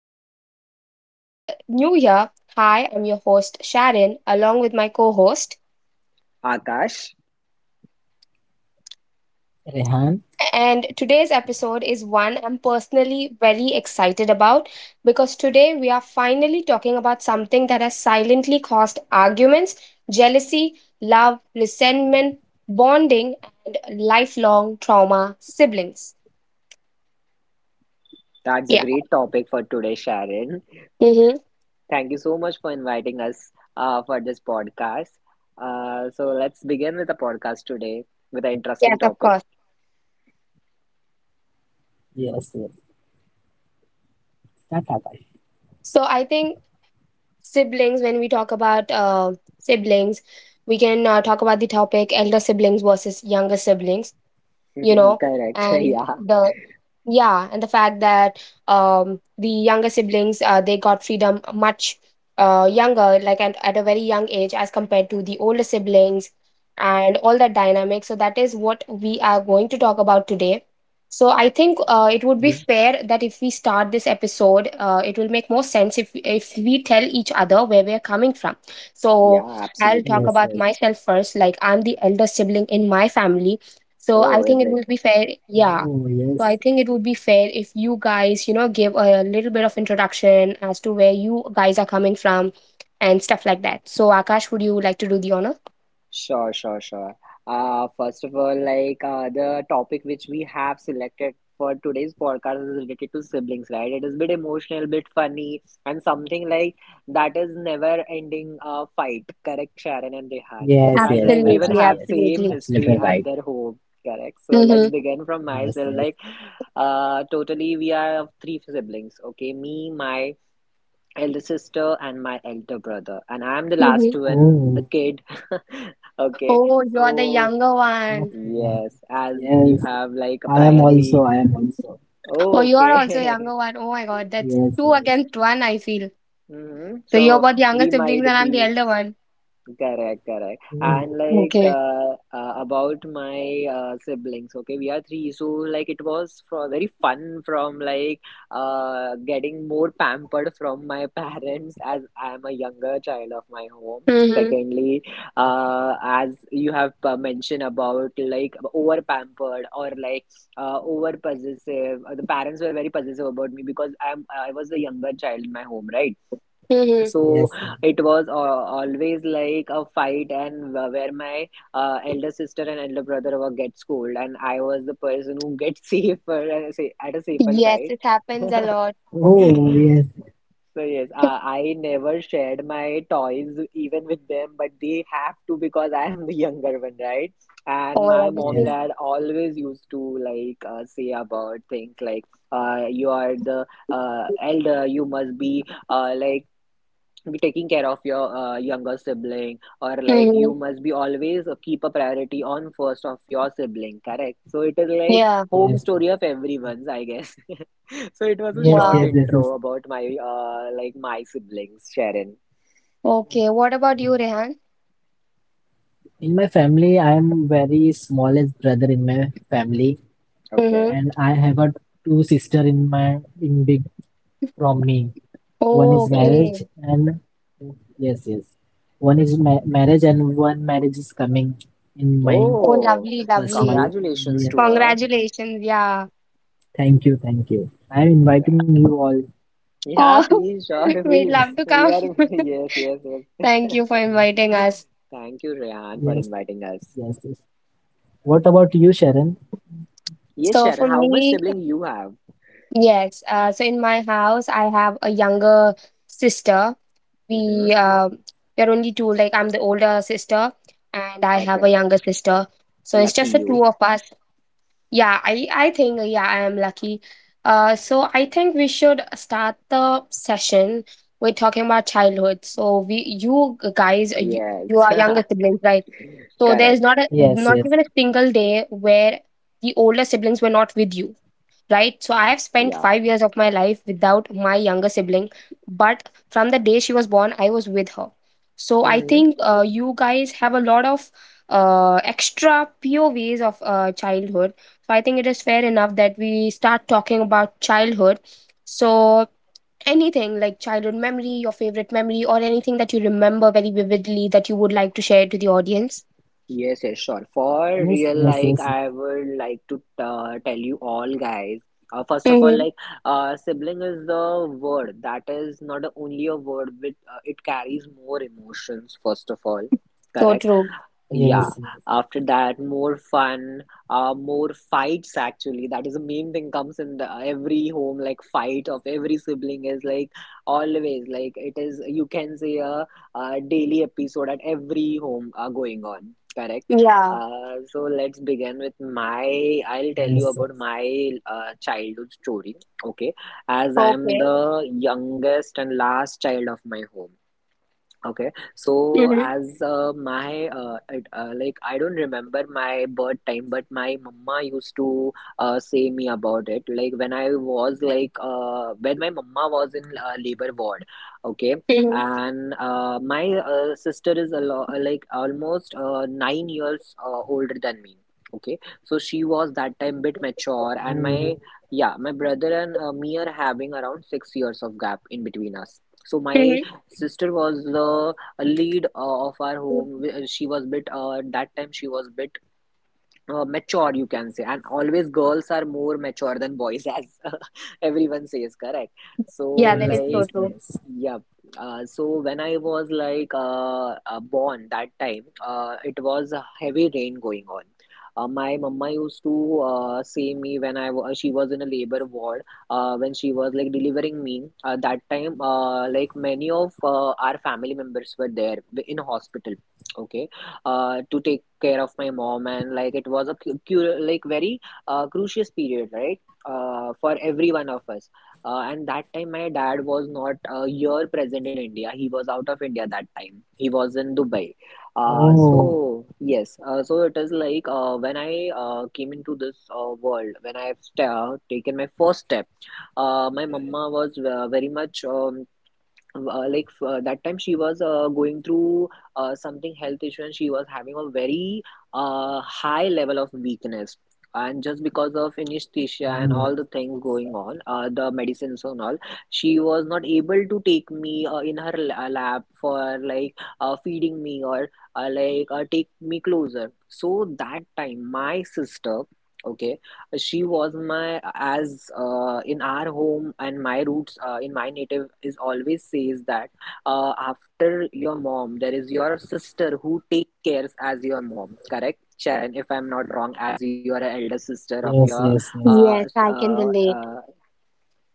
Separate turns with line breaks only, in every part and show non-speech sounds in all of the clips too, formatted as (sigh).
Talks. And if you're new here, hi, I'm your host, Sharon, along with my co host.
Akash,
Rehan,
And today's episode is one I'm personally very excited about because today we are finally talking about something that has silently caused arguments, jealousy, love, resentment, bonding, and lifelong trauma siblings.
that's a
Yeah.
great topic for today, Sharon.
Mm-hmm.
Thank you so much for inviting us for this podcast. So let's begin with the podcast today with an
Yes,
interesting
of
topic.
course.
yes, yes. Tata
So
Akash.
I think siblings when we talk about siblings we can talk about the topic elder siblings versus younger siblings you
(laughs)
know
Correct.
and
(laughs) Yeah.
the yeah and the fact that the younger siblings they got freedom much younger like at a very young age as compared to the older siblings and all that dynamic, so that is what we are going to talk about today. So I think it would be fair that if we start this
Ye-
episode, it will make more sense if we tell each other where we are coming from. So
Yeah,
I'll talk
absolutely.
about myself first. Like, I'm the
Yes,
elder
yes.
sibling in my family, so I
Oh,
think
is
it
it?
would be fair, yeah. So I think it would be fair if
Oh,
you
yes.
guys, you know, give a little bit of introduction as to where you guys are coming from and stuff like that. So Akash, would you like to do the honor?
Sure, sure, sure. First of all, the topic which we have selected for today's podcast is related to siblings, right? It is a bit emotional, bit funny, and something like that is never ending fight. Correct, Sharon and Rehan, as everyone
Absolutely,
have same
absolutely.
Yes,
history at
yes,
their
Akash,
home.
yes.
Correct. So
Absolutely
let's
Mm-hmm.
right.
begin from myself. Like,
Yes,
totally we
yes.
are of three siblings. Okay, me, my elder sister and my elder brother and I'm the last
Mm-hmm.
one the kid. (laughs) Okay,
Oh,
Oh, you're the
so
younger one.
yes, as you have like
okay.
priorly.
Yes. I
Oh,
Oh,
am
you're
also,
also
I am
okay.
younger one.
also.
Oh my God, that's two against one, I feel.
(laughs)
Yes,
Hmm.
yes.
So you're
So
both younger
we
siblings
might
and I'm the
be.
elder one.
Correct, correct. And
Okay.
about
Oh,
my siblings, okay, we are three, so like it was for very fun from like getting more pampered from my (laughs) parents as I am a younger child of my home.
Mm-hmm.
Secondly, as you have mentioned about like over pampered or like over possessive, the parents were very possessive about me because I was the younger child in my home, right?
Mm-hmm.
So it was always
yes, yes.
like a fight, and where my elder sister and elder brother were get schooled, and I was the person who gets (laughs) at a safer
Yes,
side.
it happens a lot.
(laughs) So yes,
Oh,
I
yes,
never shared my toys even with them, but they have to because I am the younger one, right? And
Oh my
my
God, this
mom
feels.
dad always used to
yes,
say about things like you are the elder, you must be like be taking care of your younger sibling or like
Mm-hmm.
you must be always keep a priority on first of your sibling, correct? So it is like
Yeah.
home story of everyone's, I guess. (laughs)
yes,
So it was a short
Wow.
intro about my
yes,
like
yes, yes,
my
yes.
siblings, Sharon.
Okay, what about you, Rehan?
Okay. In my family, I am very smallest brother
Okay,
in
Mm-hmm.
my family, and I have a two sister in my in big
Oh,
okay.
okay.
from me. One is marriage and yes, yes. One is ma marriage and one
Oh,
marriage is
Oh,
lovely,
coming
lovely.
in my
congratulations to her.
first
Congratulations,
my
yeah.
yes.
Yeah,
Thank you, thank you. I am
yeah,
Oh, (laughs)
inviting
please,
you all.
sure. (laughs)
we'd
We'll,
love to
we
come.
are (laughs)
(laughs)
yes, yes,
Yes,
Thank
yes.
you for inviting us.
(laughs) Thank you, Rehan, for inviting us.
yes, yes, yes. What
Yes,
about
So
you,
for
Sharon, how much
Sharon?
me,
sibling you have.
yes. So in my house, I have a younger sister.
Mm-hmm.
We uh, we're only two. Like, I'm the older sister, and I have a
Okay.
younger sister. So it's
Lucky
just the
you.
two of us. Yeah, I think yeah, I am lucky. So I think we should start the session. We're talking about childhood. So we, you guys, you,
Yes.
you are younger
(laughs)
siblings, right? So there's
Correct.
not even a single day
Yes,
where
yes,
the older siblings were not with you, right? So I've spent
Yeah.
5 years of my life without my younger sibling, but from the day she was born, I was with her. So I
Mm-hmm.
think you guys have a lot of extra POVs of childhood. So I think it is fair enough that we start talking about childhood. So anything like childhood memory, your favorite memory, or anything that you remember very vividly that you would like to share to the audience.
Yes, yes, sure. For real, like I would
yes,
like to
yes, yes,
tell you all guys. First of all, sibling is the word that is not only a word, but it carries more emotions. First of all,
So
correct.
true.
Yeah, after that, more
yes, yes,
fun, more fights actually. That is the main thing comes in the, every home, like fight of every sibling is like always like it is you can say a daily episode at every home going on. Correct.
Yeah.
So let's begin with my. I'll tell you about
yes.
my
Yes.
childhood story. Okay, as I am
Okay.
the youngest and last child of my home. Okay, so
Mm-hmm.
Oh,
like I don't remember my birth time, but my mama used to say me about it. Like when I was when my mama was in labor ward, okay,
Mm-hmm.
and my sister is a lo like almost 9 years older than me. Okay, so she was that time bit mature, and my, yeah, my brother and
oh,
me are having around 6 years of gap in between us. So my sister was the lead of our home.
Mm-hmm.
She was bit at that time she was bit mature, you can say, and always girls are more mature than boys, as (laughs) everyone says, correct? So
Yeah, that is so
like,
true.
yeah.
yes, yes,
So
yes.
when I was born that time, it was a heavy rain going on. My mama used to say me when I was she was in a labor ward when she was like delivering me. That time, like many of our family members were there in hospital. Okay, to take care of my mom, and like it was a like very crucial period, right? For every one of us. And that time, my dad was not here present in India. He was out of India that time. He was in Dubai. So it is
Oh,
like when I came into this world, when I've sta taken my first step, my mama was very much like that time she was going through something health issue, and she was having a very high level of weakness, and just because of anesthesia and all the things going on, the
oh,
medicines and all, she was not able to take me in her lab for like feeding me or take me closer. So that time my sister, okay, she was my, as in our home and my roots in my native is always says that after your mom, there is your sister who take cares as your mom, correct? Sharon, if I'm not wrong, as you are an elder sister of your uh,
Yes,
s-
yes,
I
yes,
can
uh,
yes.
relate.
uh,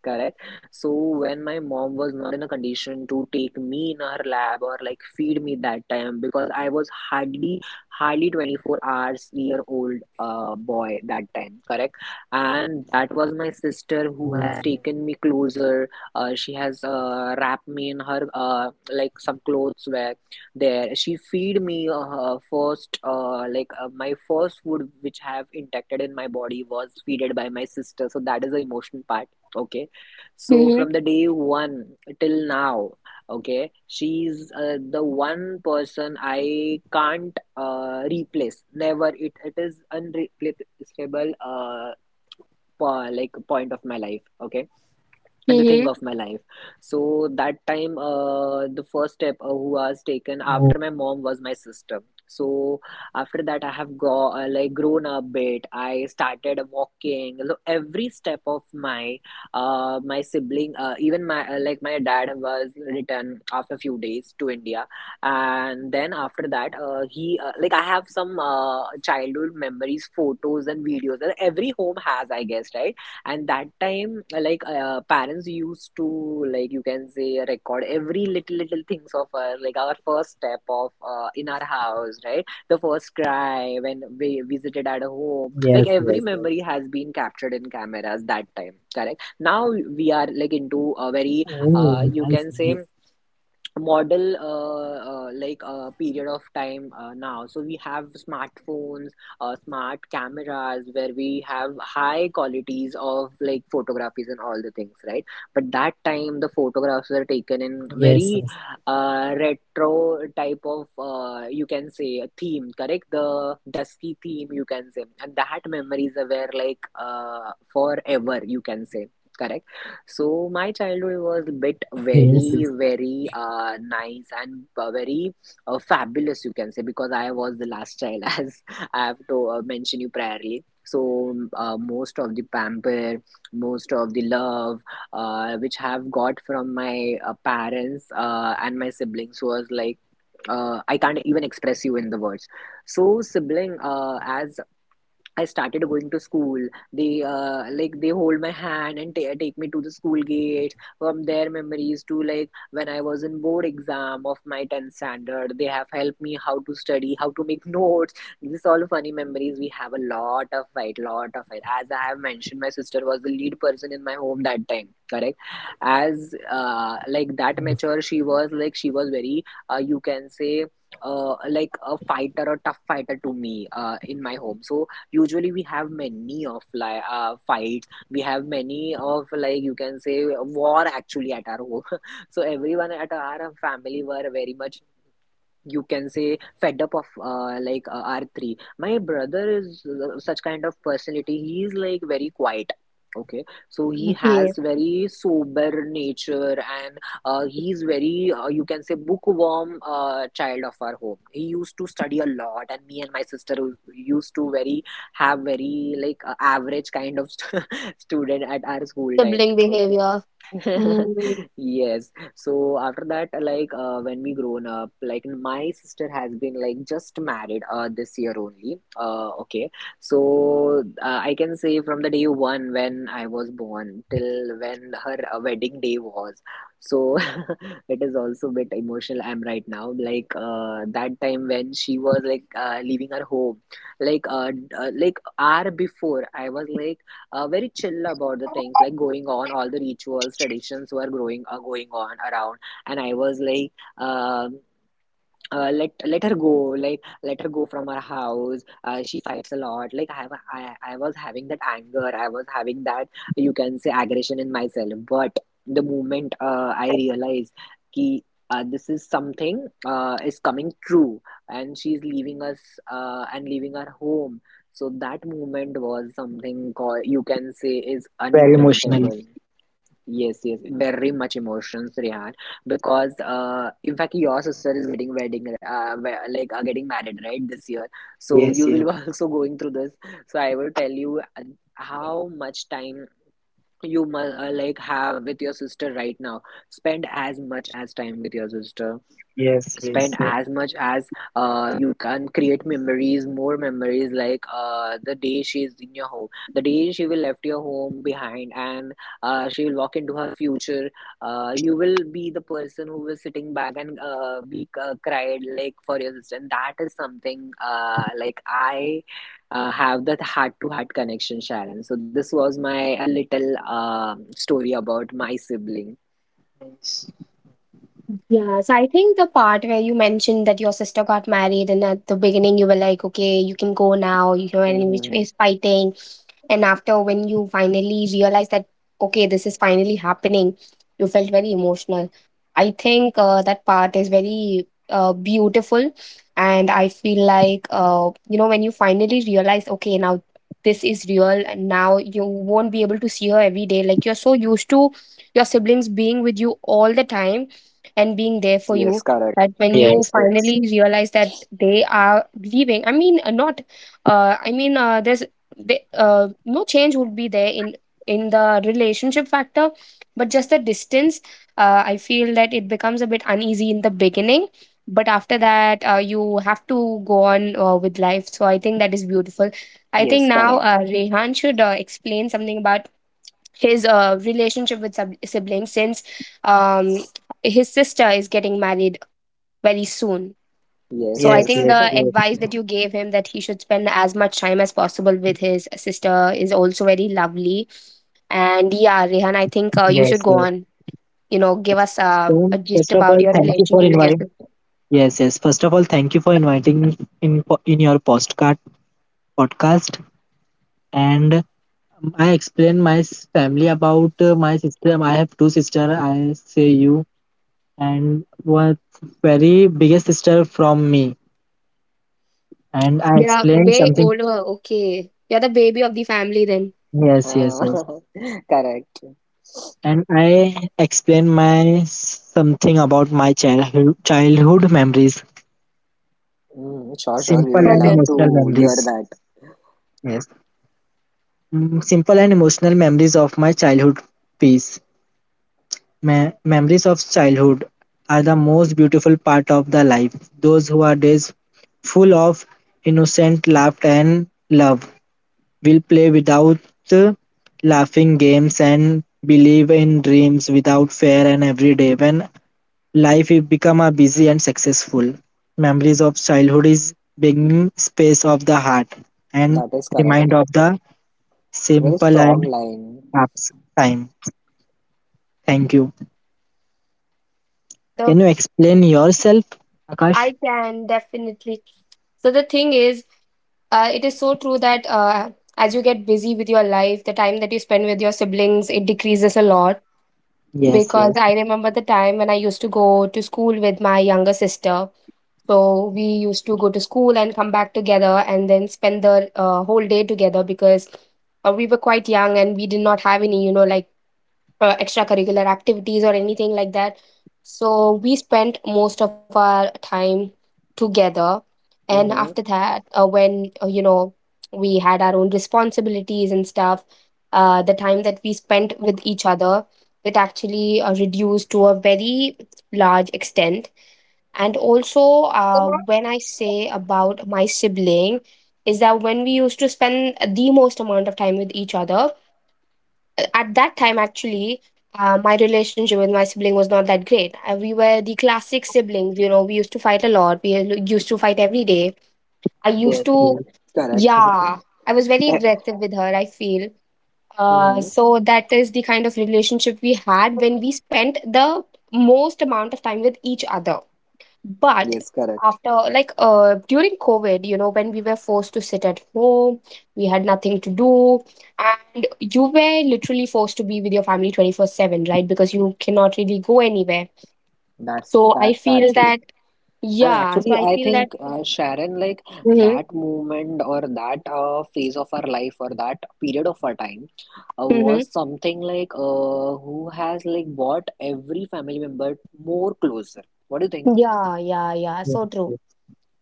correct. So when my mom was not in a condition to take me in her lab or like feed me that time, because I was hardly 24 hours year old boy that time, correct? And that was my sister who has
Oh,
taken me
yes.
closer. She has wrapped me in her like some clothes were there. She feed me her first my first food which have injected in my body was feeded by my sister. So that is the emotional part, okay, so
Mm-hmm.
from the day one till now, okay, she's the one person I can't replace. Never. It is unreplaceable. Like point of my life. Okay, and the thing
Mm-hmm.
of my life. So that time
Okay.
the first step who was taken after my mom was my sister. So after that, I have go like grown up bit, I started walking. So every step of my my sibling, even my like my dad was returned after few days to India, and then after that, he like I have some childhood memories, photos and videos, that every home has, I guess, right? And that time parents used to like you can say record every little little things of our, like our first step of in our house, right? The first cry when we visited at home,
Yes,
like
yes,
every
yes.
memory has been captured in cameras that time, correct? Now we are like into a very
Oh,
you
nice,
can say
nice.
model like a period of time now, so we have smartphones, smart cameras, where we have high qualities of like photographies and all the things, right? But that time the photographs were taken in very
Yes, yes,
retro type of you can say a theme, correct? The dusky theme, you can say, and that memories are where like forever, you can say, correct? So my childhood was bit very,
(laughs)
very
yes, yes.
nice and very fabulous, you can say, because I was the last child, (laughs) as I have to mention you priorly. So most of the pamper, most of the love, which have got from my parents and my siblings was like. I can't even express you in the words. So, sibling, as I started going to school. They like they hold my hand and take me to the school gate. From their memories to like when I was in board exam of my tenth standard, they have helped me how to study, how to make (laughs) notes. This all funny memories. We have a lot of fight, lot of fight. As I have mentioned, my sister was the lead person in my home that time. Correct. As like that mature, she was like she was very you can say. Like a fighter, a tough fighter to me in my home. So usually we have many of fights, we have many of like you can say war actually at our home. (laughs) So everyone at our family were very much you can say fed up of like r3 my brother is such kind of personality, he is like very quiet, okay, so he has
Yes.
very sober nature, and he's very you can say bookworm child of our home. He used to study a lot, and me and my sister used to very have very like average kind of st (laughs) student at our school time,
Sibling
okay.
behavior.
(laughs)
Mm-hmm.
Yes. So after that, when we grown up, like my sister has been like just married this year only. Okay. So I can say from the day one when I was born till when her wedding day was. So (laughs) it is also a bit emotional I'm right now. That time when she was leaving her home, like hour before I was like very chill about the things like going on, all the rituals traditions were growing going on around, and I was like um let her go, like let her go from our house. She fights a lot. Like I was having that anger, I was having that, you can say, aggression in myself. But the moment I realized ki this is something is coming true and she's leaving us and leaving our home, so that moment was something called, you can say, is
Very emotional.
unpredictable. Yes, yes, very much emotions, Rehan. Because, in fact, your sister is getting wedding, like are getting married, right, this year. So you
Yes,
will be
yes,
(laughs) also going through this. So I will tell you how much time you must like have with your sister right now. Spend as much as time with your sister,
yes, yes,
spend
yes,
as much as you can, create memories, more memories, the day she's in your home, the day she will left your home behind and she will walk into her future. You will be the person who was sitting back and be cried like for your sister, and that is something like I have that heart to heart connection, Sharon. So this was my little story about my sibling.
Yes, I think the part where you mentioned that your sister got married, and at the beginning you were like, okay, you can go now, you know, and which
Mm-hmm.
is fighting. And after when you finally realized that, okay, this is finally happening, you felt very emotional. I think that part is very beautiful. And I feel like, you know, when you finally realize, okay, now this is real, and now you won't be able to see her every day. Like, you're so used to your siblings being with you all the time and being there for
Yes,
you,
correct.
that when you
yes, yes,
finally realize that they are leaving, I mean not I mean there's they, no change would be there in the relationship factor, but just the distance. I feel that it becomes a bit uneasy in the beginning, but after that you have to go on with life, so I think that is beautiful. I think
Yes,
now
correct.
Rehan should explain something about his relationship with siblings, since um, his sister is getting married very soon. So
Yes,
yes,
I think
yes,
yes.
the
yes,
(laughs)
advice that you gave him that he should spend as much time as possible with his sister is also very lovely. And yeah, Rehan, I think you
yes.
should go
Yes.
on. You know, give
Yes.
us
So
a gist
first of
about
all,
your
thank you for
relationship with your
inviting.
sister.
Yes, yes. First of all, thank you for inviting me in in your postcard podcast. And I explained my family about my sister. I have two sister. I say you and one very biggest sister from me. And I
They are
explained
way
something.
older. Okay, you're the baby of the family then.
Yes, yes, yes.
Uh, (laughs) correct.
And I explain my something about my childhood memories,
Mm, sure, sure. We
simple
will
and
love
Okay.
emotional
to hear
memories.
that.
Yes, mm, simple and emotional memories of my childhood peace. Memories of childhood are the most beautiful part of the life. Those who are days full of innocent laughter and love will play without uh, laughing games and believe in dreams without fear and every day when life is become a busy and successful. Memories of childhood is beginning space of the heart and
That is
remind
correct.
of the
Very
simple
strong
and
line.
ups time. Thank you.
Yeah,
Can you
the
explain yourself, Akash?
I can definitely. So the thing is, uh, it is so true that as you get busy with your life, the time that you spend with your siblings, it decreases a lot.
Yes,
Because
yes,
I remember the time when I used to go to school with my younger sister. So we used to go to school and come back together and then spend the whole day together, because we were quite young and we did not have any, you know, like extracurricular activities or anything like that. So we spent most of our time together, and
Mm-hmm.
after that when you know, we had our own responsibilities and stuff, the time that we spent with each other, it actually reduced to a very large extent. And also, when I say about my sibling, is that when we used to spend the most amount of time with each other, at that time, actually, my relationship with my sibling was not that great. We were the classic siblings, you know, we used to fight a lot, we used to fight every day. I used
yes, yes,
to,
Correct.
yeah, I was very aggressive with her, I feel.
(laughs) Mm-hmm.
So that is the kind of relationship we had when we spent the most amount of time with each other. But
Yes, correct.
after, like, during COVID, you know, when we were forced to sit at home, we had nothing to do, and you were literally forced to be with your family 24/7, right? Because you cannot really go anywhere. So I
That's
feel
actually.
that,
And
yeah, so
actually,
I
I
feel
think
that.
Sharon, like
Mm-hmm.
that moment or that phase of her life or that period of her time
Mm-hmm.
was something like who has like brought every family member more closer. What do you think?
Yeah, yeah, yeah.
yes.
So true.
Yes.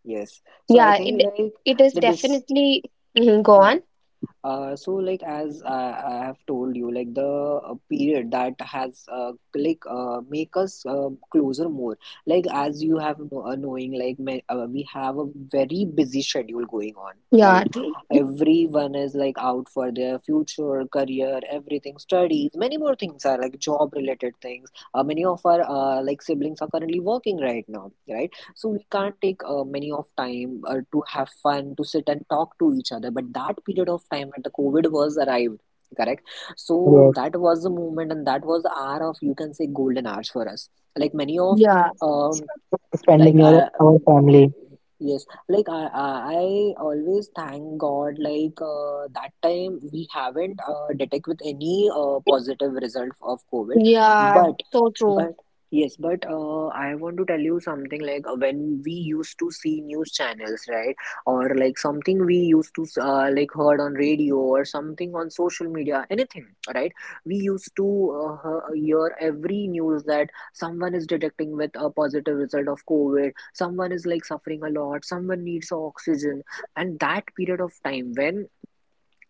Yes. So I
Yeah,
think
it
like
it is
the dis,
definitely Mhm, go
hmm.
on.
So like as I have told you like the period that has make us closer more, like as you have no, knowing like me, we have a very busy schedule going on,
Yeah,
right?
true.
Everyone is like out for their future, career, everything, studies, many more things are like job related things. Many of our like siblings are currently working right now, right? So we can't take many of time to have fun, to sit and talk to each other. But that period of time when the COVID was arrived, correct, so
Yes.
that was the moment and that was the hour of, you can say, golden hours for us. Like many of
Yeah,
um, like
Spending your
I
our family.
yes like I always thank God like that time we haven't detect with any positive result of COVID.
yeah.
but
So true.
but yes, but I want to tell you something, like when we used to see news channels, right, or like something we used to like heard on radio or something on social media, anything, right, we used to hear every news that someone is detecting with a positive result of COVID, someone is like suffering a lot, someone needs oxygen. And that period of time when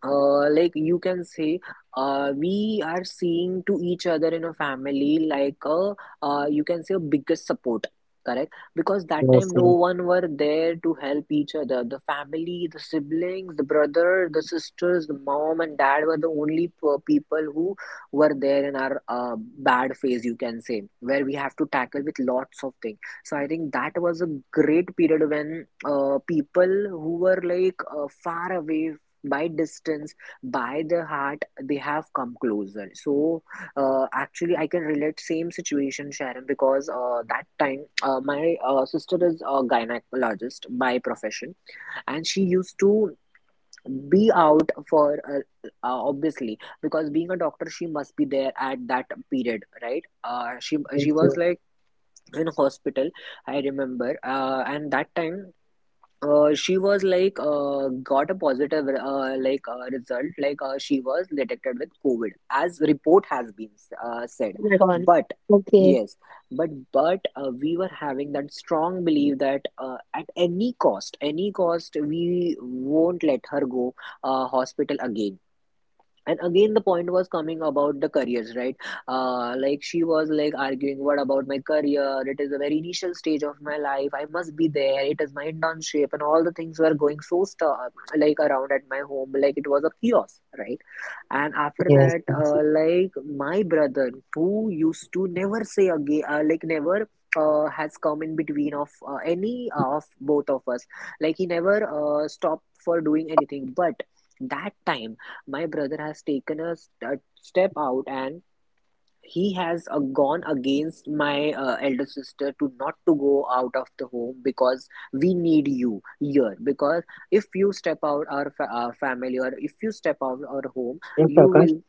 like you can say we are seeing to each other in a family, like a you can say a biggest support, correct, because
Yes,
that time
yes,
no one were there to help each other. The family, the siblings, the brother, the sisters, the mom and dad were the only po- people who were there in our bad phase, you can say, where we have to tackle with lots of things. So I think that was a great period when people who were like far away by distance, by the heart, they have come closer. So actually I can relate same situation, Sharon, because that time my sister is a gynecologist by profession. And she used to be out for obviously, because being a doctor, she must be there at that period, right? She
yes,
she was like in hospital, I remember. And that time she was like got a positive result, like she was detected with COVID, as report has been said.
Oh my God.
But
Okay.
yes, but we were having that strong belief that at any cost, any cost, we won't let her go hospital again. And again the point was coming about the careers, right? Like she was like arguing, what about my career, it is a very initial stage of my life, I must be there, it is my internship, and all the things were going so like around at my home, like it was a chaos, right? And after
yes,
that,
yes,
like my brother, who used to never say again, like never has come in between of any of both of us, like he never stopped for doing anything. But that time, my brother has taken a step out, and he has gone against my elder sister to not to go out of the home, because we need you here, because if you step out our, our family, or if you step out
yes,
our home,
Akash.
you will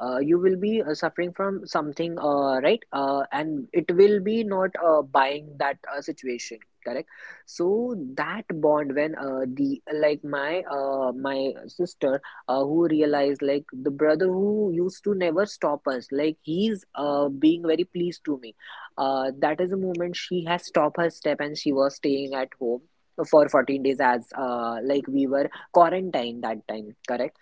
you will be suffering from something, right, and it will be not buying that situation, correct. So that bond, when the like my my sister who realized, like the brother who used to never stop us, like he's being very pleased to me, that is a moment she has stopped her step, and she was staying at home for 14 days, as like we were quarantined that time, correct.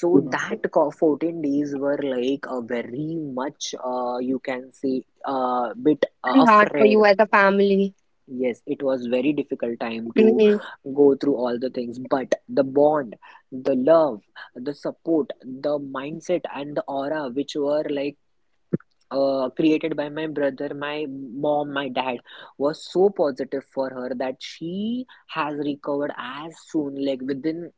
So that 14 days were like a very much, you can say, a bit
Very hard for
afraid.
you as a family.
Yes, it was very difficult time to
Mm-hmm.
go through all the things, but the bond, the love, the support, the mindset, and the aura which were like created by my brother, my mom, my dad, was so positive for her that she has recovered as soon, like within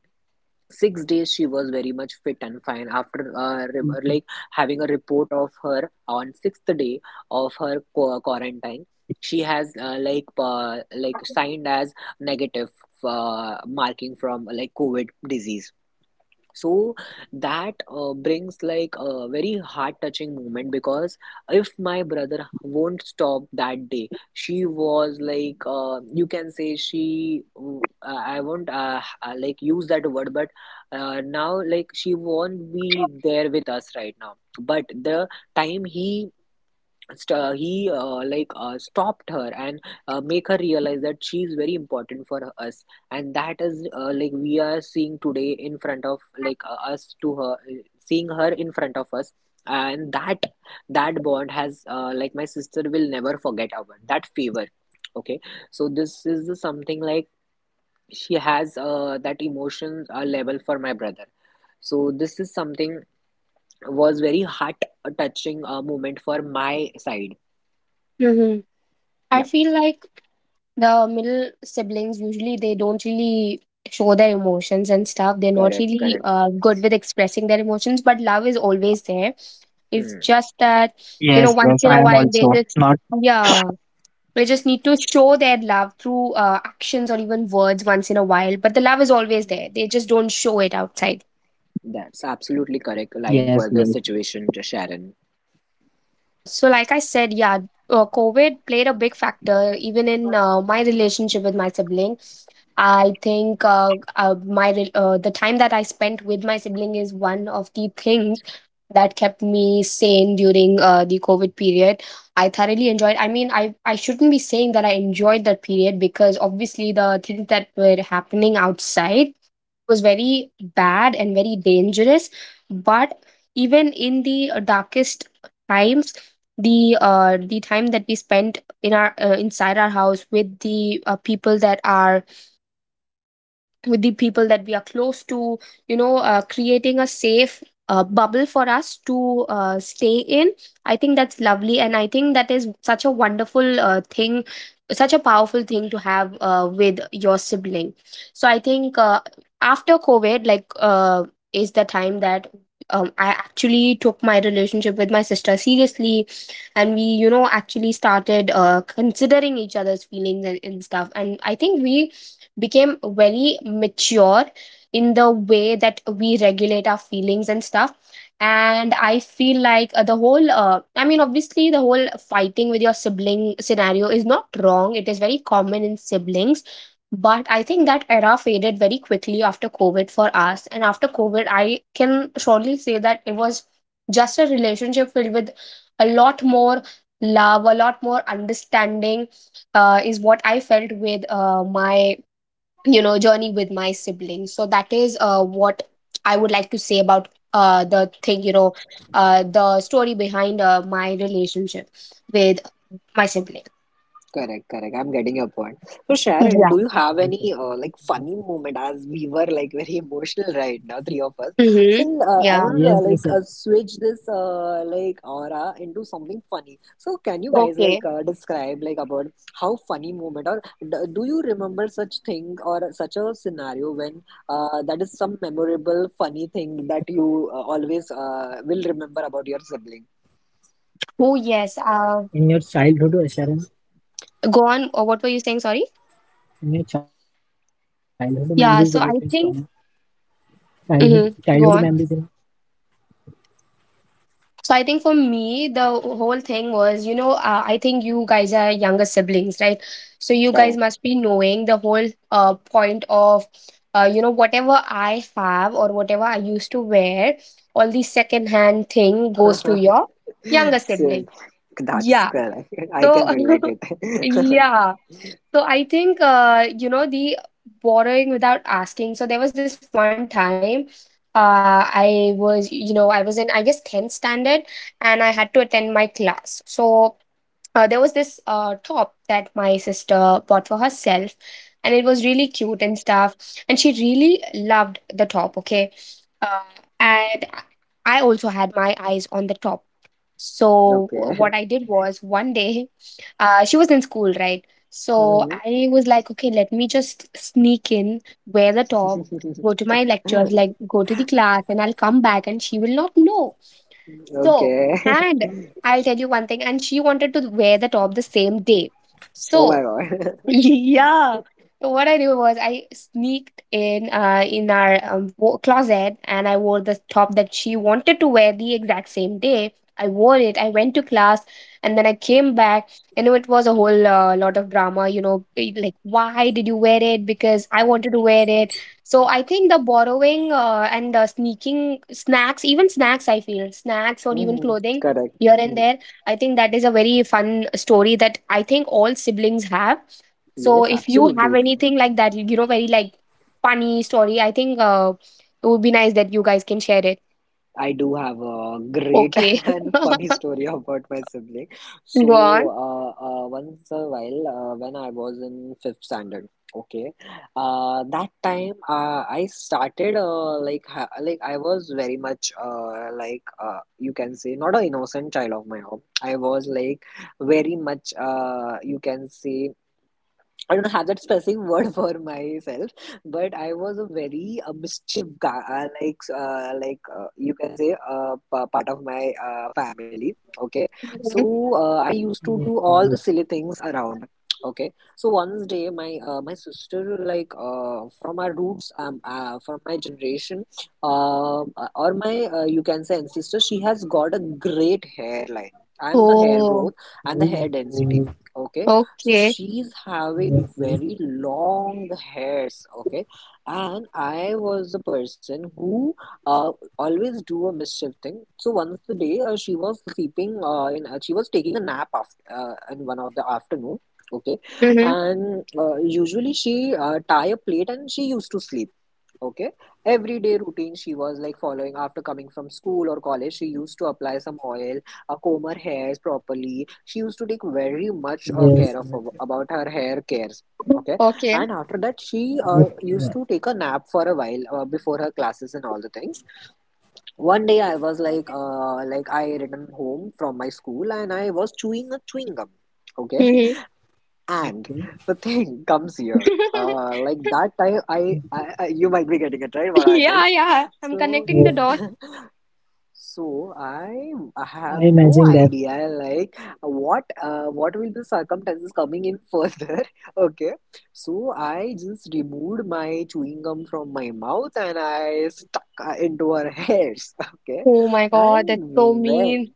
6 days she was very much fit and fine, after like having a report of her on sixth day of her quarantine. She has like signed as negative marking from like COVID disease. So that brings like a very heart touching moment, because if my brother won't stop that day, she was like you can say she I won't like use that word, but now like she won't be there with us right now. But the time he he stopped her and make her realize that she is very important for us, and that is like we are seeing today in front of like us, to her seeing her in front of us. And that bond has like my sister will never forget about that favor, okay? So this is the something like she has that emotion level for my brother. So this is something was very heart touching moment for my side,
Mm-hmm. I
yeah.
feel like the middle siblings usually they don't really show their emotions and stuff. They're not
Correct,
really
correct.
good with expressing their emotions, but love is always there. It's
Hmm.
just
Yes,
that,
yes, yes, I
you
am
know, once
also
in a while
not.
they just, yeah. We just need to show their love through actions or even words once in a while. But the love is always there. They just don't show it outside.
That's absolutely
Yes, yes,
correct line for this situation, Sharon.
Yeah. So, like I said, yeah, COVID played a big factor even in my relationship with my sibling. I think the time that I spent with my sibling is one of the things that kept me sane during the COVID period. I thoroughly enjoyed. I mean, I shouldn't be saying that I enjoyed that period, because obviously the things that were happening outside was very bad and very dangerous. But even in the darkest times, the time that we spent in our inside our house with the people that are with the people that we are close to, you know, creating a safe bubble for us to stay in, I think that's lovely, and I think that is such a wonderful thing, such a powerful thing to have with your sibling. So I think after COVID, like, uh, is the time that I actually took my relationship with my sister seriously. And we, you know, actually started considering each other's feelings and stuff, and I think we became very mature in the way that we regulate our feelings and stuff. And I feel like the whole I mean, obviously the whole fighting with your sibling scenario is not wrong, it is very common in siblings. But I think that era faded very quickly after COVID for us, and after COVID I can surely say that it was just a relationship filled with a lot more love, a lot more understanding is what I felt with my, you know, journey with my siblings. So that is what I would like to say about the thing, you know, the story behind my relationship with my sibling.
Correct, correct. I'm getting your point. So,
yes,
Sharon,
Yeah.
do you have any like funny moment, as we were like very (laughs) emotional right now, three of us?
Mm-hmm.
So,
yes. Yes.
I
Yeah.
want to like switch this like aura into something funny. So, can you guys
Okay.
like describe like about how funny moment, or do you remember such thing or such a scenario when that is some memorable funny thing that you always will remember about your sibling?
Oh
In your
yes,
childhood, Sharon.
go on.
Any
What were you
childhood
saying, sorry?
memories, anything funny? Childhood,
Yeah, so
childhood
I
memories.
think,
In,
mm-hmm, go on. So I think for me, the whole thing was, you know, I think you guys are younger siblings, right? So you guys
Correct.
must be knowing the whole point of, you know, whatever I have or whatever I used to wear, all the secondhand thing goes to
(laughs)
your younger
So
sibling.
that's
Yeah.
correct. I
So,
can relate
(laughs)
it. (laughs)
yeah. So I think the borrowing without asking. So there was this one time I was in I guess 10th standard and I had to attend my class. So there was this top that my sister bought for herself and it was really cute and stuff and she really loved the top, okay. uh, and I also had my eyes on the top, so what
Okay.
I did was one day. (laughs) She was in school, right? So
Mhm.
I was like, okay, let me just sneak in, wear the top, go to my lectures, like go to the class, and I'll come back and she will not know. so,
Okay. (laughs)
and I'll tell you one thing, and she wanted to wear the top the same day.
Oh my
So, (laughs)
God.
yeah. So what I do was I sneaked in our closet, and I wore the top that she wanted to wear the exact same day. I wore it. I went to class and then I came back. It was a whole lot of drama. Like, why did you wear it? Because I wanted to wear it. So I think the borrowing and sneaking snacks, even snacks, I feel snacks
(laughs)
or even
Mhm.
clothing
Correct.
here and
Mhm.
there. I think that is a very fun story that I think all siblings have. So
Yes,
if you have
absolutely.
anything like that, very like funny story, I think it would be nice that you guys can share it.
I do have a great
Okay.
(laughs) and funny
(laughs)
story about my sibling.
Go
So,
on.
once a while, when I was in fifth standard, okay, that time I started like I was very much you can say not an innocent child of my own. I was like very much you can say I don't have that specific (laughs) word for myself, but I was a very mischief guy, you can say part of my family. Okay,
Mhm.
so
okay,
I used
okay.
to do all the silly things around. Okay, so one day my sister, like, from our roots, from my generation, or my you can say ancestor, she has got a great hairline and the hair
Oh,
growth and the hair
Oh,
density. Okay, so
okay.
she's
yes, yes,
having very long hairs, okay? And I was the person who uh, always do a mischief thing. So once a day, she was sleeping she was taking a nap after, in one of the afternoon, okay?
Mm-hmm.
And usually she tie a plate and she used to sleep. Okay. Everyday routine she was like following after coming from school or college. She used to apply some oil, comb her hairs properly. She used to take very
yes,
much
yes. Yes.
care of about her hair cares. Okay.
Okay.
And after that, she
Okay,
used to take a nap for a while before her classes and all the things. One day I was like, I returned home from my school and I was chewing a chewing gum. Okay. (laughs)
Mm-hmm.
okay.
And the thing (laughs) comes here.
(laughs)
Like that time, I, you might be getting it right. What I did.
Yeah, yeah, I'm
Yes,
So,
connecting the dots.
so I
I
have
imagine
no
that.
idea like what will the circumstances coming in further. (laughs) Okay, so I just removed my chewing gum from my mouth and I stuck into her hairs. (laughs) Okay,
Oh my God, that's so
and
mean.
when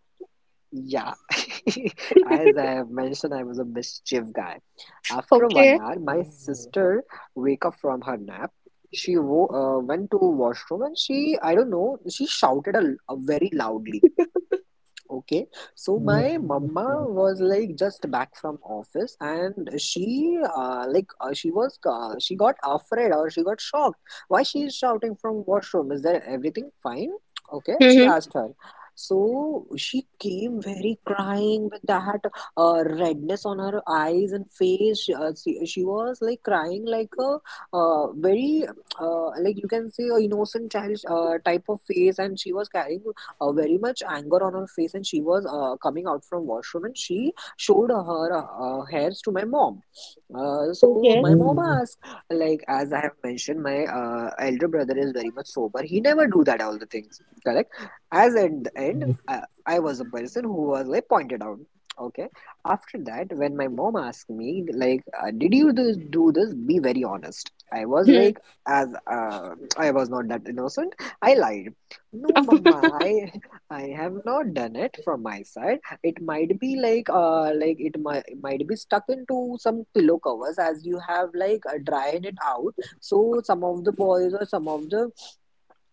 yeah, (laughs) as I
(laughs)
have mentioned, I was a mischief guy. After one
Okay.
hour, my sister wake up from her nap. She wo went to washroom and she, I don't know, she shouted a very loudly. Okay, so
Oh,
my
okay.
mama was like just back from office, and she got afraid or she got shocked. Why she is shouting from washroom? Is there everything fine? Okay, she
Mm-hmm.
asked her. So she came very crying with that redness on her eyes and face. She was like crying like a very like you can say a innocent child type of face, and she was carrying very much anger on her face and she was coming out from washroom and she showed her hairs to my mom. So
Okay.
my mom
Oh,
asked, like, as I have mentioned, my elder brother is very much sober, he never do that all the things, correct? As at the end,
yes,
I was a person who was like pointed out. Okay, after that when my mom asked me like, did you this, do this, be very honest.
Hmm.
As uh, I was not that innocent, I lied. No, Mama,
(laughs)
I (laughs) I have not done it from my side. It might be like it might be stuck into some pillow covers as you have like dried it out. So some of the boys or some of the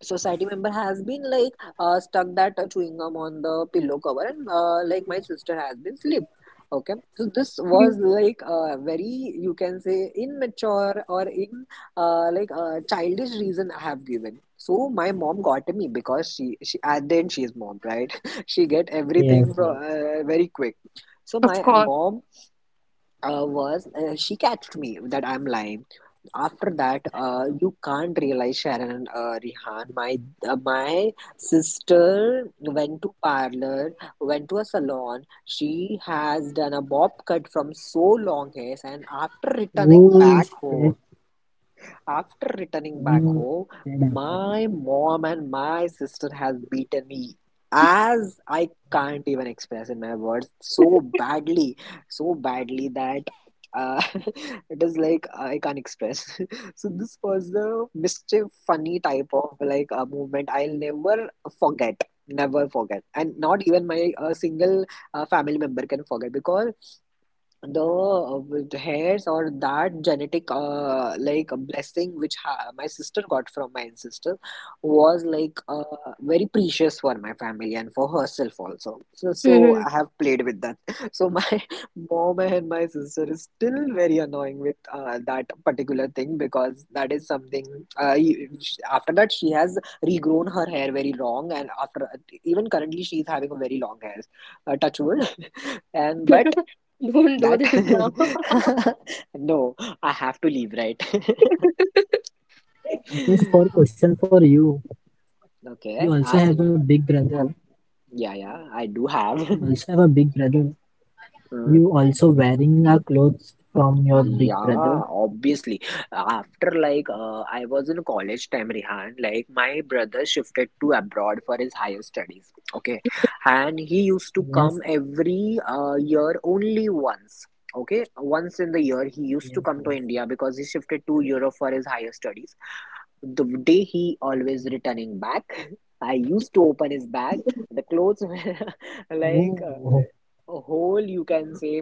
society member has been like stuck that chewing gum on the pillow cover and my sister has been slipped. Okay, so this was like very, you can say, immature or in, like a childish reason I have given. So my mom got me because she at the end, she is mom, right? (laughs) She get
yes,
everything
yes.
from very quick. so
Of
my
course.
mom was she catched me that I'm lying. After that, you can't realize Sharon, Rihan. My sister went to parlor, went to a salon. She has done a bob cut from so long hairs, and after returning
Oh,
back
shit.
home. After returning back
Oh,
home,
shit, Akash.
my mom and my sister has beaten me as I can't even express in my words so badly that uh, (laughs) it is like I can't express. (laughs) So this was the mischief, funny type of like a movement I'll never forget. Never forget, and not even my single family member can forget because the with hairs or that genetic like a blessing which ha my sister got from my ancestor was like very precious for my family and for herself also. So, so
Hmm.
I have played with that. (laughs) So my (laughs) mom and my sister is still very annoying with that particular thing because that is something after that she has regrown her hair very long, and after, even currently she is having a very long hair, touch wood. (laughs) And but
Don't do this now.
that (laughs) no, I have to leave, right?
Akash, for
(laughs)
question for you. You also
Okay,
have a
ask.
big brother.
Yeah, yeah, I do
You
have.
also have
(laughs)
a big brother. You
Hmm.
also wearing a clothes from your big brother.
Yeah, obviously. After like, I was in college time, Rihan, like my brother shifted to abroad for his higher studies. Okay, and he used
Yes,
to come every year only once. Okay, once in the year he
yes,
used to
yes.
come to India because he shifted to Europe for his higher studies. The day he always returning back, I used to open his bag. The clothes were (laughs) like
Oh,
a whole, you can say,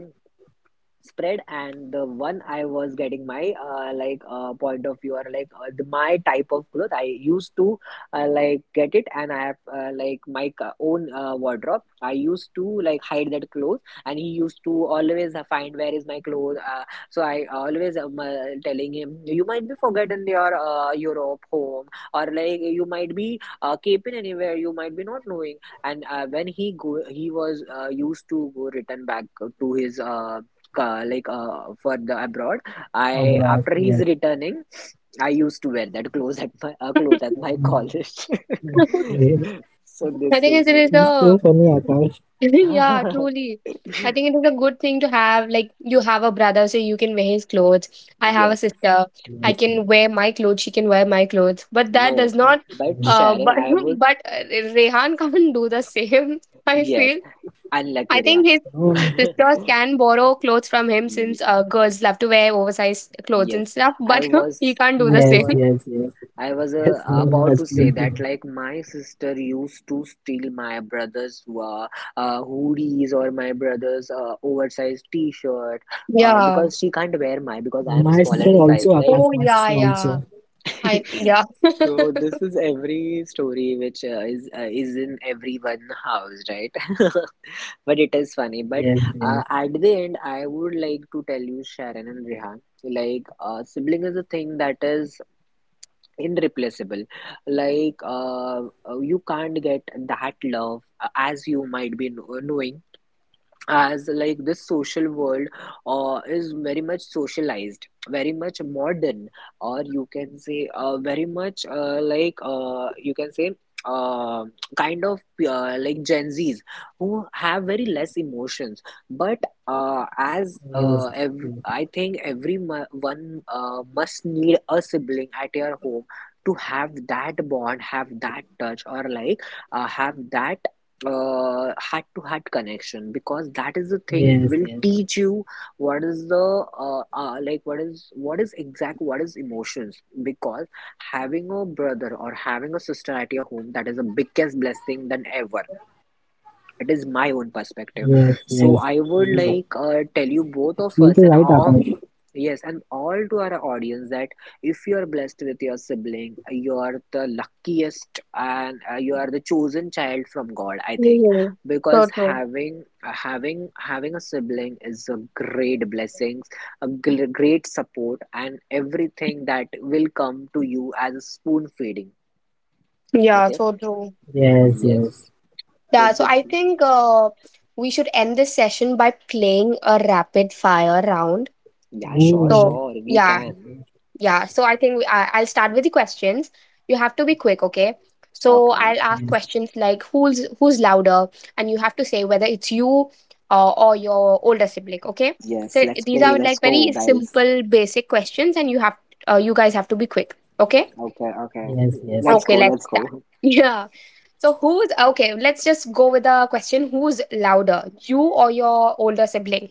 spread, and the one I was getting my point of view or my type of cloth I used to get it. And I have, my own wardrobe, I used to like hide that clothes. And he used to always find where is my clothes. So I always am telling him, you might be forgotten your europe home or like you might be keeping anywhere, you might be not knowing. And when he go, he was used to go return back to his for the abroad.
all
I,
right,
after
yes,
he's returning, I used to wear that clothes at my
(laughs)
college.
yes, yes.
(laughs) So
I
this
think it
is
is
It's so
a
funny,
(laughs)
Akash.
yeah,
(laughs)
truly. I think it is a good thing to have. Like, you have a brother, so you can wear his clothes. I have a
yes.
sister.
Yes,
I
yes,
can wear my clothes. She can wear my clothes. But
No,
that does not.
but
yes.
Uh,
Sharon,
but
I
(laughs)
would.
but Rehan can't do the same. (laughs) I
Yes,
feel. I
unlucky
think his
Ryan.
Um,
sisters
(laughs)
can borrow clothes from him, since
Ye-
girls love to wear oversized clothes and
yes,
stuff.
i
But (laughs) he
was
can't do the
i
yes,
same.
was
yes, yes,
I was
yes. No, no,
about to say
absolutely.
that like my sister used to steal my brother's hoodies or my brother's oversized t-shirt
Yeah.
because she can't wear mine because I
My
am
sister
smaller in
also,
size,
Akash.
Oh
My sister
yeah,
also.
yeah.
right?
I
(laughs)
yeah. (laughs)
So this is every story which is in everyone house, right? (laughs) But it is funny. But
Yes, yes,
at the end, I would like to tell you, Sharon and Rehan, like, sibling is a thing that is irreplaceable, like, you can't get that love as you might be knowing. As like this social world is very much socialized, very much modern, or you can say very much, you can say uh, kind of Gen Zs who have very less emotions. But
yes,
I think every one must need a sibling at your home to have that bond, have that touch, or like have that heart to heart connection, because that is the thing
yes,
will
yes,
teach you what is the what is, what is exact, what is emotions. Because having a brother or having a sister at your home, that is the biggest blessing than ever. It is my own perspective.
yes,
So
yes,
I would
yes. No,
like tell you, both of
absolutely
us, and
right,
all
Akash.
yes, and all to our audience that if you are blessed with your sibling, you are the luckiest, and you are the chosen child from god, I think.
Mhm. So
Because
true.
having a sibling is a great blessings, a great support and everything that will come to you as a spoon feeding.
Yeah,
Okay.
so true.
Yes, yes.
Yes. So
Yeah, so I
that's
think we should end this session by playing a rapid fire round.
yeah, sure,
Ooh,
So
sure, we
yeah,
yes,
can.
yes,
yeah. So I think we, I, I'll start with the questions. You have to be quick, okay? So
Okay.
I'll ask
yes,
questions like who's louder, and you have to say whether it's you or your older sibling, okay?
Yes,
So
let's
these
play.
are
Let's
like
go,
very
guys.
simple, basic questions, and you have you guys have to be quick, okay?
Okay, okay.
yes, yes. Yes.
Let's
Okay,
go,
let's
let's
start.
go.
(laughs) Yeah. So who's, okay, let's just go with the question, who's louder, you or your older sibling?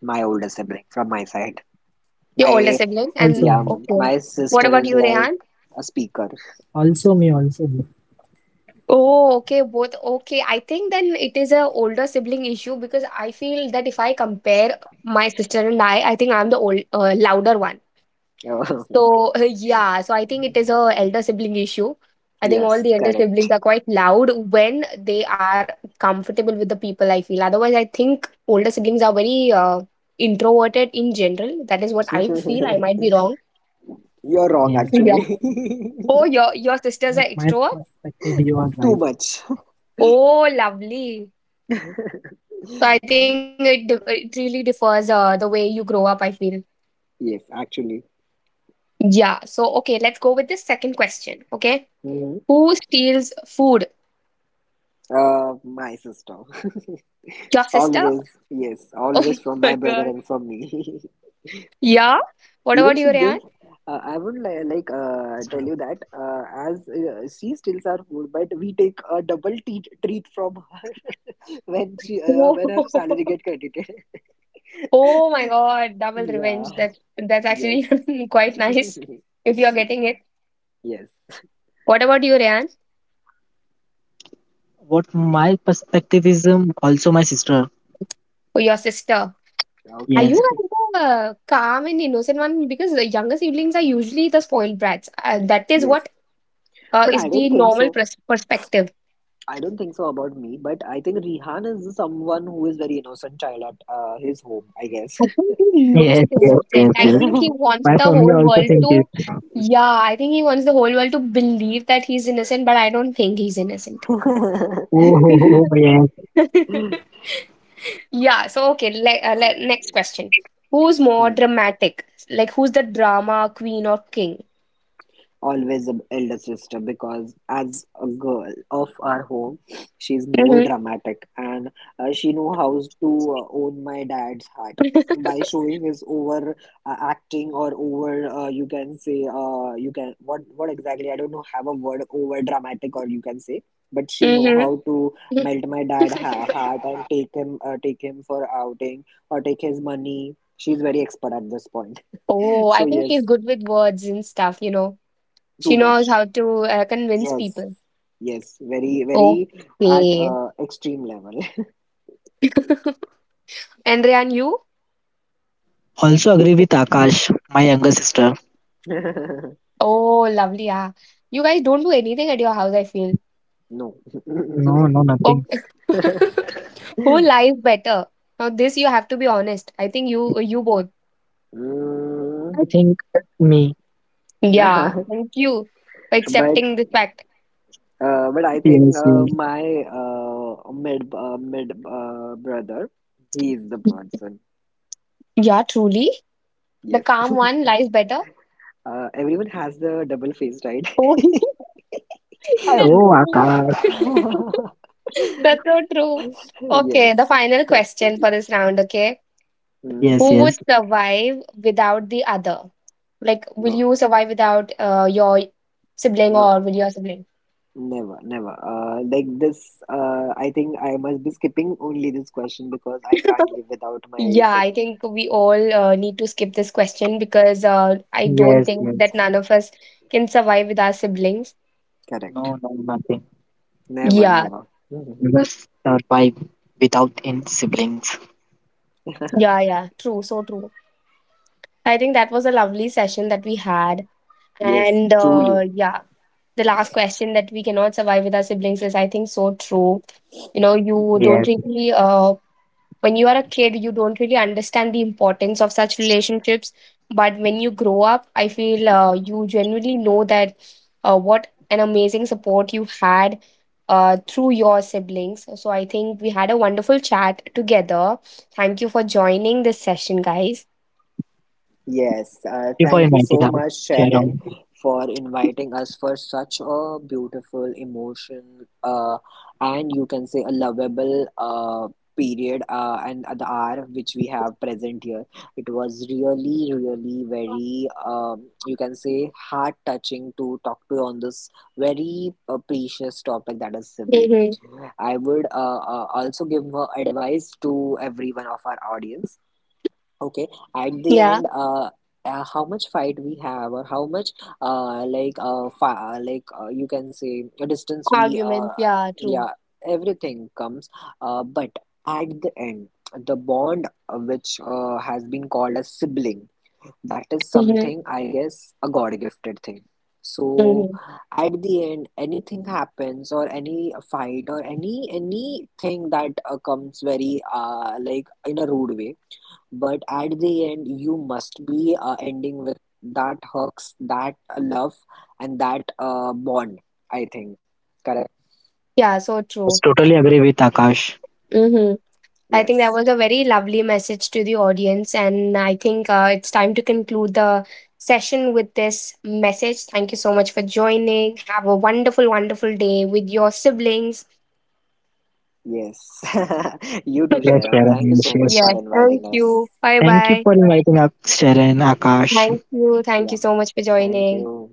My older sibling from my side.
Your older
My,
sibling,
Also
and
me.
yeah,
okay.
my
What
sister
about
is
you,
like
Rehan?
a speaker.
Also me. Also me.
Oh, okay, both, okay. I think then it is a older sibling issue, because I feel that if I compare my sister and I think I'm the old louder one.
(laughs)
So (laughs) yeah, so I think it is a elder sibling issue. I think all the
Yes,
elder
correct.
siblings are quite loud when they are comfortable with the people, I feel. Otherwise, I think older siblings are very introverted in general. That is what I feel. I
(laughs)
might be wrong. (laughs)
You're wrong,
Yes,
Yeah.
yes.
actually. (laughs)
Oh, your sisters
Not
are
my
extrovert.
perspective. You are right.
Too much.
Oh, lovely. So I think it really differs the way you grow up, I feel.
Yes, actually.
Yeah. So okay, let's go with this second question. Okay,
Hmm.
who steals food?
My sister. (laughs)
Your sister?
Always, yes, always
(laughs) Oh
from my
my
brother
god.
and from me. (laughs)
Yeah? What
Even
about
she
your
gave
aunt?
I would like tell you that as she steals our food, but we take a double treat from her (laughs) when she when her salary
Oh,
get
(laughs)
credited. (laughs)
oh my god, double revenge.
Yeah.
That's actually
Yes.
(laughs) quite nice if you're
(laughs)
getting it.
Yes.
What about your aunt
What my perspective is also my sister.
or your sister? Are
Yes.
you
Okay.
kind of a calm and innocent one? Because the younger siblings are usually the spoiled brats. That is
Yes,
what
but
is
I
the
don't think
normal
so.
perspective.
I don't think so about me, but I think Rihan is someone who is very innocent child at his home, I guess.
I think he looks
Yes, yes, yes,
innocent. I
yes.
think he wants
My
the
family
whole
also
world
think this.
to, yeah, I think he wants the whole world to believe that he's innocent, but I don't think he's innocent.
Oh, ho,
(laughs)
ho, ho,
(laughs)
yes.
Yeah, so okay, next question. Who's more
Hmm.
dramatic? Like, who's the drama queen or king?
Always the elder sister, because as a girl of our home, she's more
Mm-hmm.
dramatic, and she know how to own my dad's heart by showing his over acting or over you can say, you can, what exactly I don't know, have a word, over dramatic, or you can say, but
(laughs)
she know
Mm-hmm.
how to melt my dad heart and take him for outing or take his money. She's very expert at this point. (laughs)
Oh, I
So
think
yes,
she's good with words and stuff, you know. She
too
knows
much.
how to convince
Yes,
people.
yes, very, very at
Okay.
extreme level.
(laughs) Andrea and you?
Also agree with Akash, my younger sister.
(laughs)
Oh, lovely. Yeah. You guys don't do anything at your house, I feel.
No. (laughs)
No, no, nothing.
Okay. (laughs) Who lies better? Now, this you have to be honest. I think you you both.
I
Mm.
think me.
Yeah,
(laughs)
thank you for
But
accepting this fact.
but I think
Yes, yes.
my mid mid brother, he is the person.
Yeah, truly. The
Yes.
calm
(laughs)
one lies better.
Everyone has the double face, right?
Oh, (laughs)
I-
that's
Oh,
so
Akash.
true.
(laughs)
(laughs) That's so true. Okay, the
Yes.
final question for this round, okay?
Mm.
Yes,
Who would
yes.
survive without the other? Like, will
No.
you survive without your sibling or
No.
with your sibling?
Never, never. Like this, I think I must be skipping only this question because I can't
(laughs)
live without my
Yeah, I
sibling.
think we all need to skip this question, because I don't
Yes,
think that
yes.
none of us can survive with our siblings.
Correct.
No, no, nothing.
Never,
Yeah.
never. (laughs)
Just survive without in siblings.
Yeah, yeah, true, so true. I think that was a lovely session that we had.
Yes,
And
truly.
yeah, the last question, that we cannot survive with our siblings, is, I think, so true. You
Yes.
don't really, when you are a kid, you don't really understand the importance of such relationships. But when you grow up, I feel you genuinely know that what an amazing support you had through your siblings. So I think we had a wonderful chat together. Thank you for joining this session, guys.
Yes,
Before
thank you
inviting
so
her,
much, Sharon,
Sharon.
for inviting us for such a beautiful emotion, and you can say a lovable period and the hour which we have present here. It was really, really very, you can say, heart touching to talk to you on this very precious topic that is sibling.
Mhm.
I would also give advice to every one of our audience. Okay, at the
Yeah.
end, how much fight we have, or how much, like, fi like you can say, a distance we,
Arguments. Yeah. True.
yeah, everything comes. But at the end, the bond which has been called as sibling, that is
Mhm.
something I guess a God-gifted thing. So
Mhm.
at the end, anything happens, or any fight, or any anything that comes very, like in a rude way, but at the end, you must be ending with that hooks, that love, and that bond, I think. Correct.
Yeah. So
Yes, yes.
true.
Totally agree with Akash.
Mhm. I think that
Yes.
was a very lovely message to the audience, and I think it's time to conclude the session with this message. Thank you so much for joining. Have a wonderful, wonderful day with your siblings.
Yes. (laughs) You too,
Yes,
(laughs)
Sharon.
Sharon.
Thank you
Yes,
so much
yes.
for
Yes.
inviting
Thank
us.
you. Bye
Thank you
bye.
for inviting us, Sharon, Akash.
Thank you. Thank
Yeah.
you so much for
Thank
joining.
you.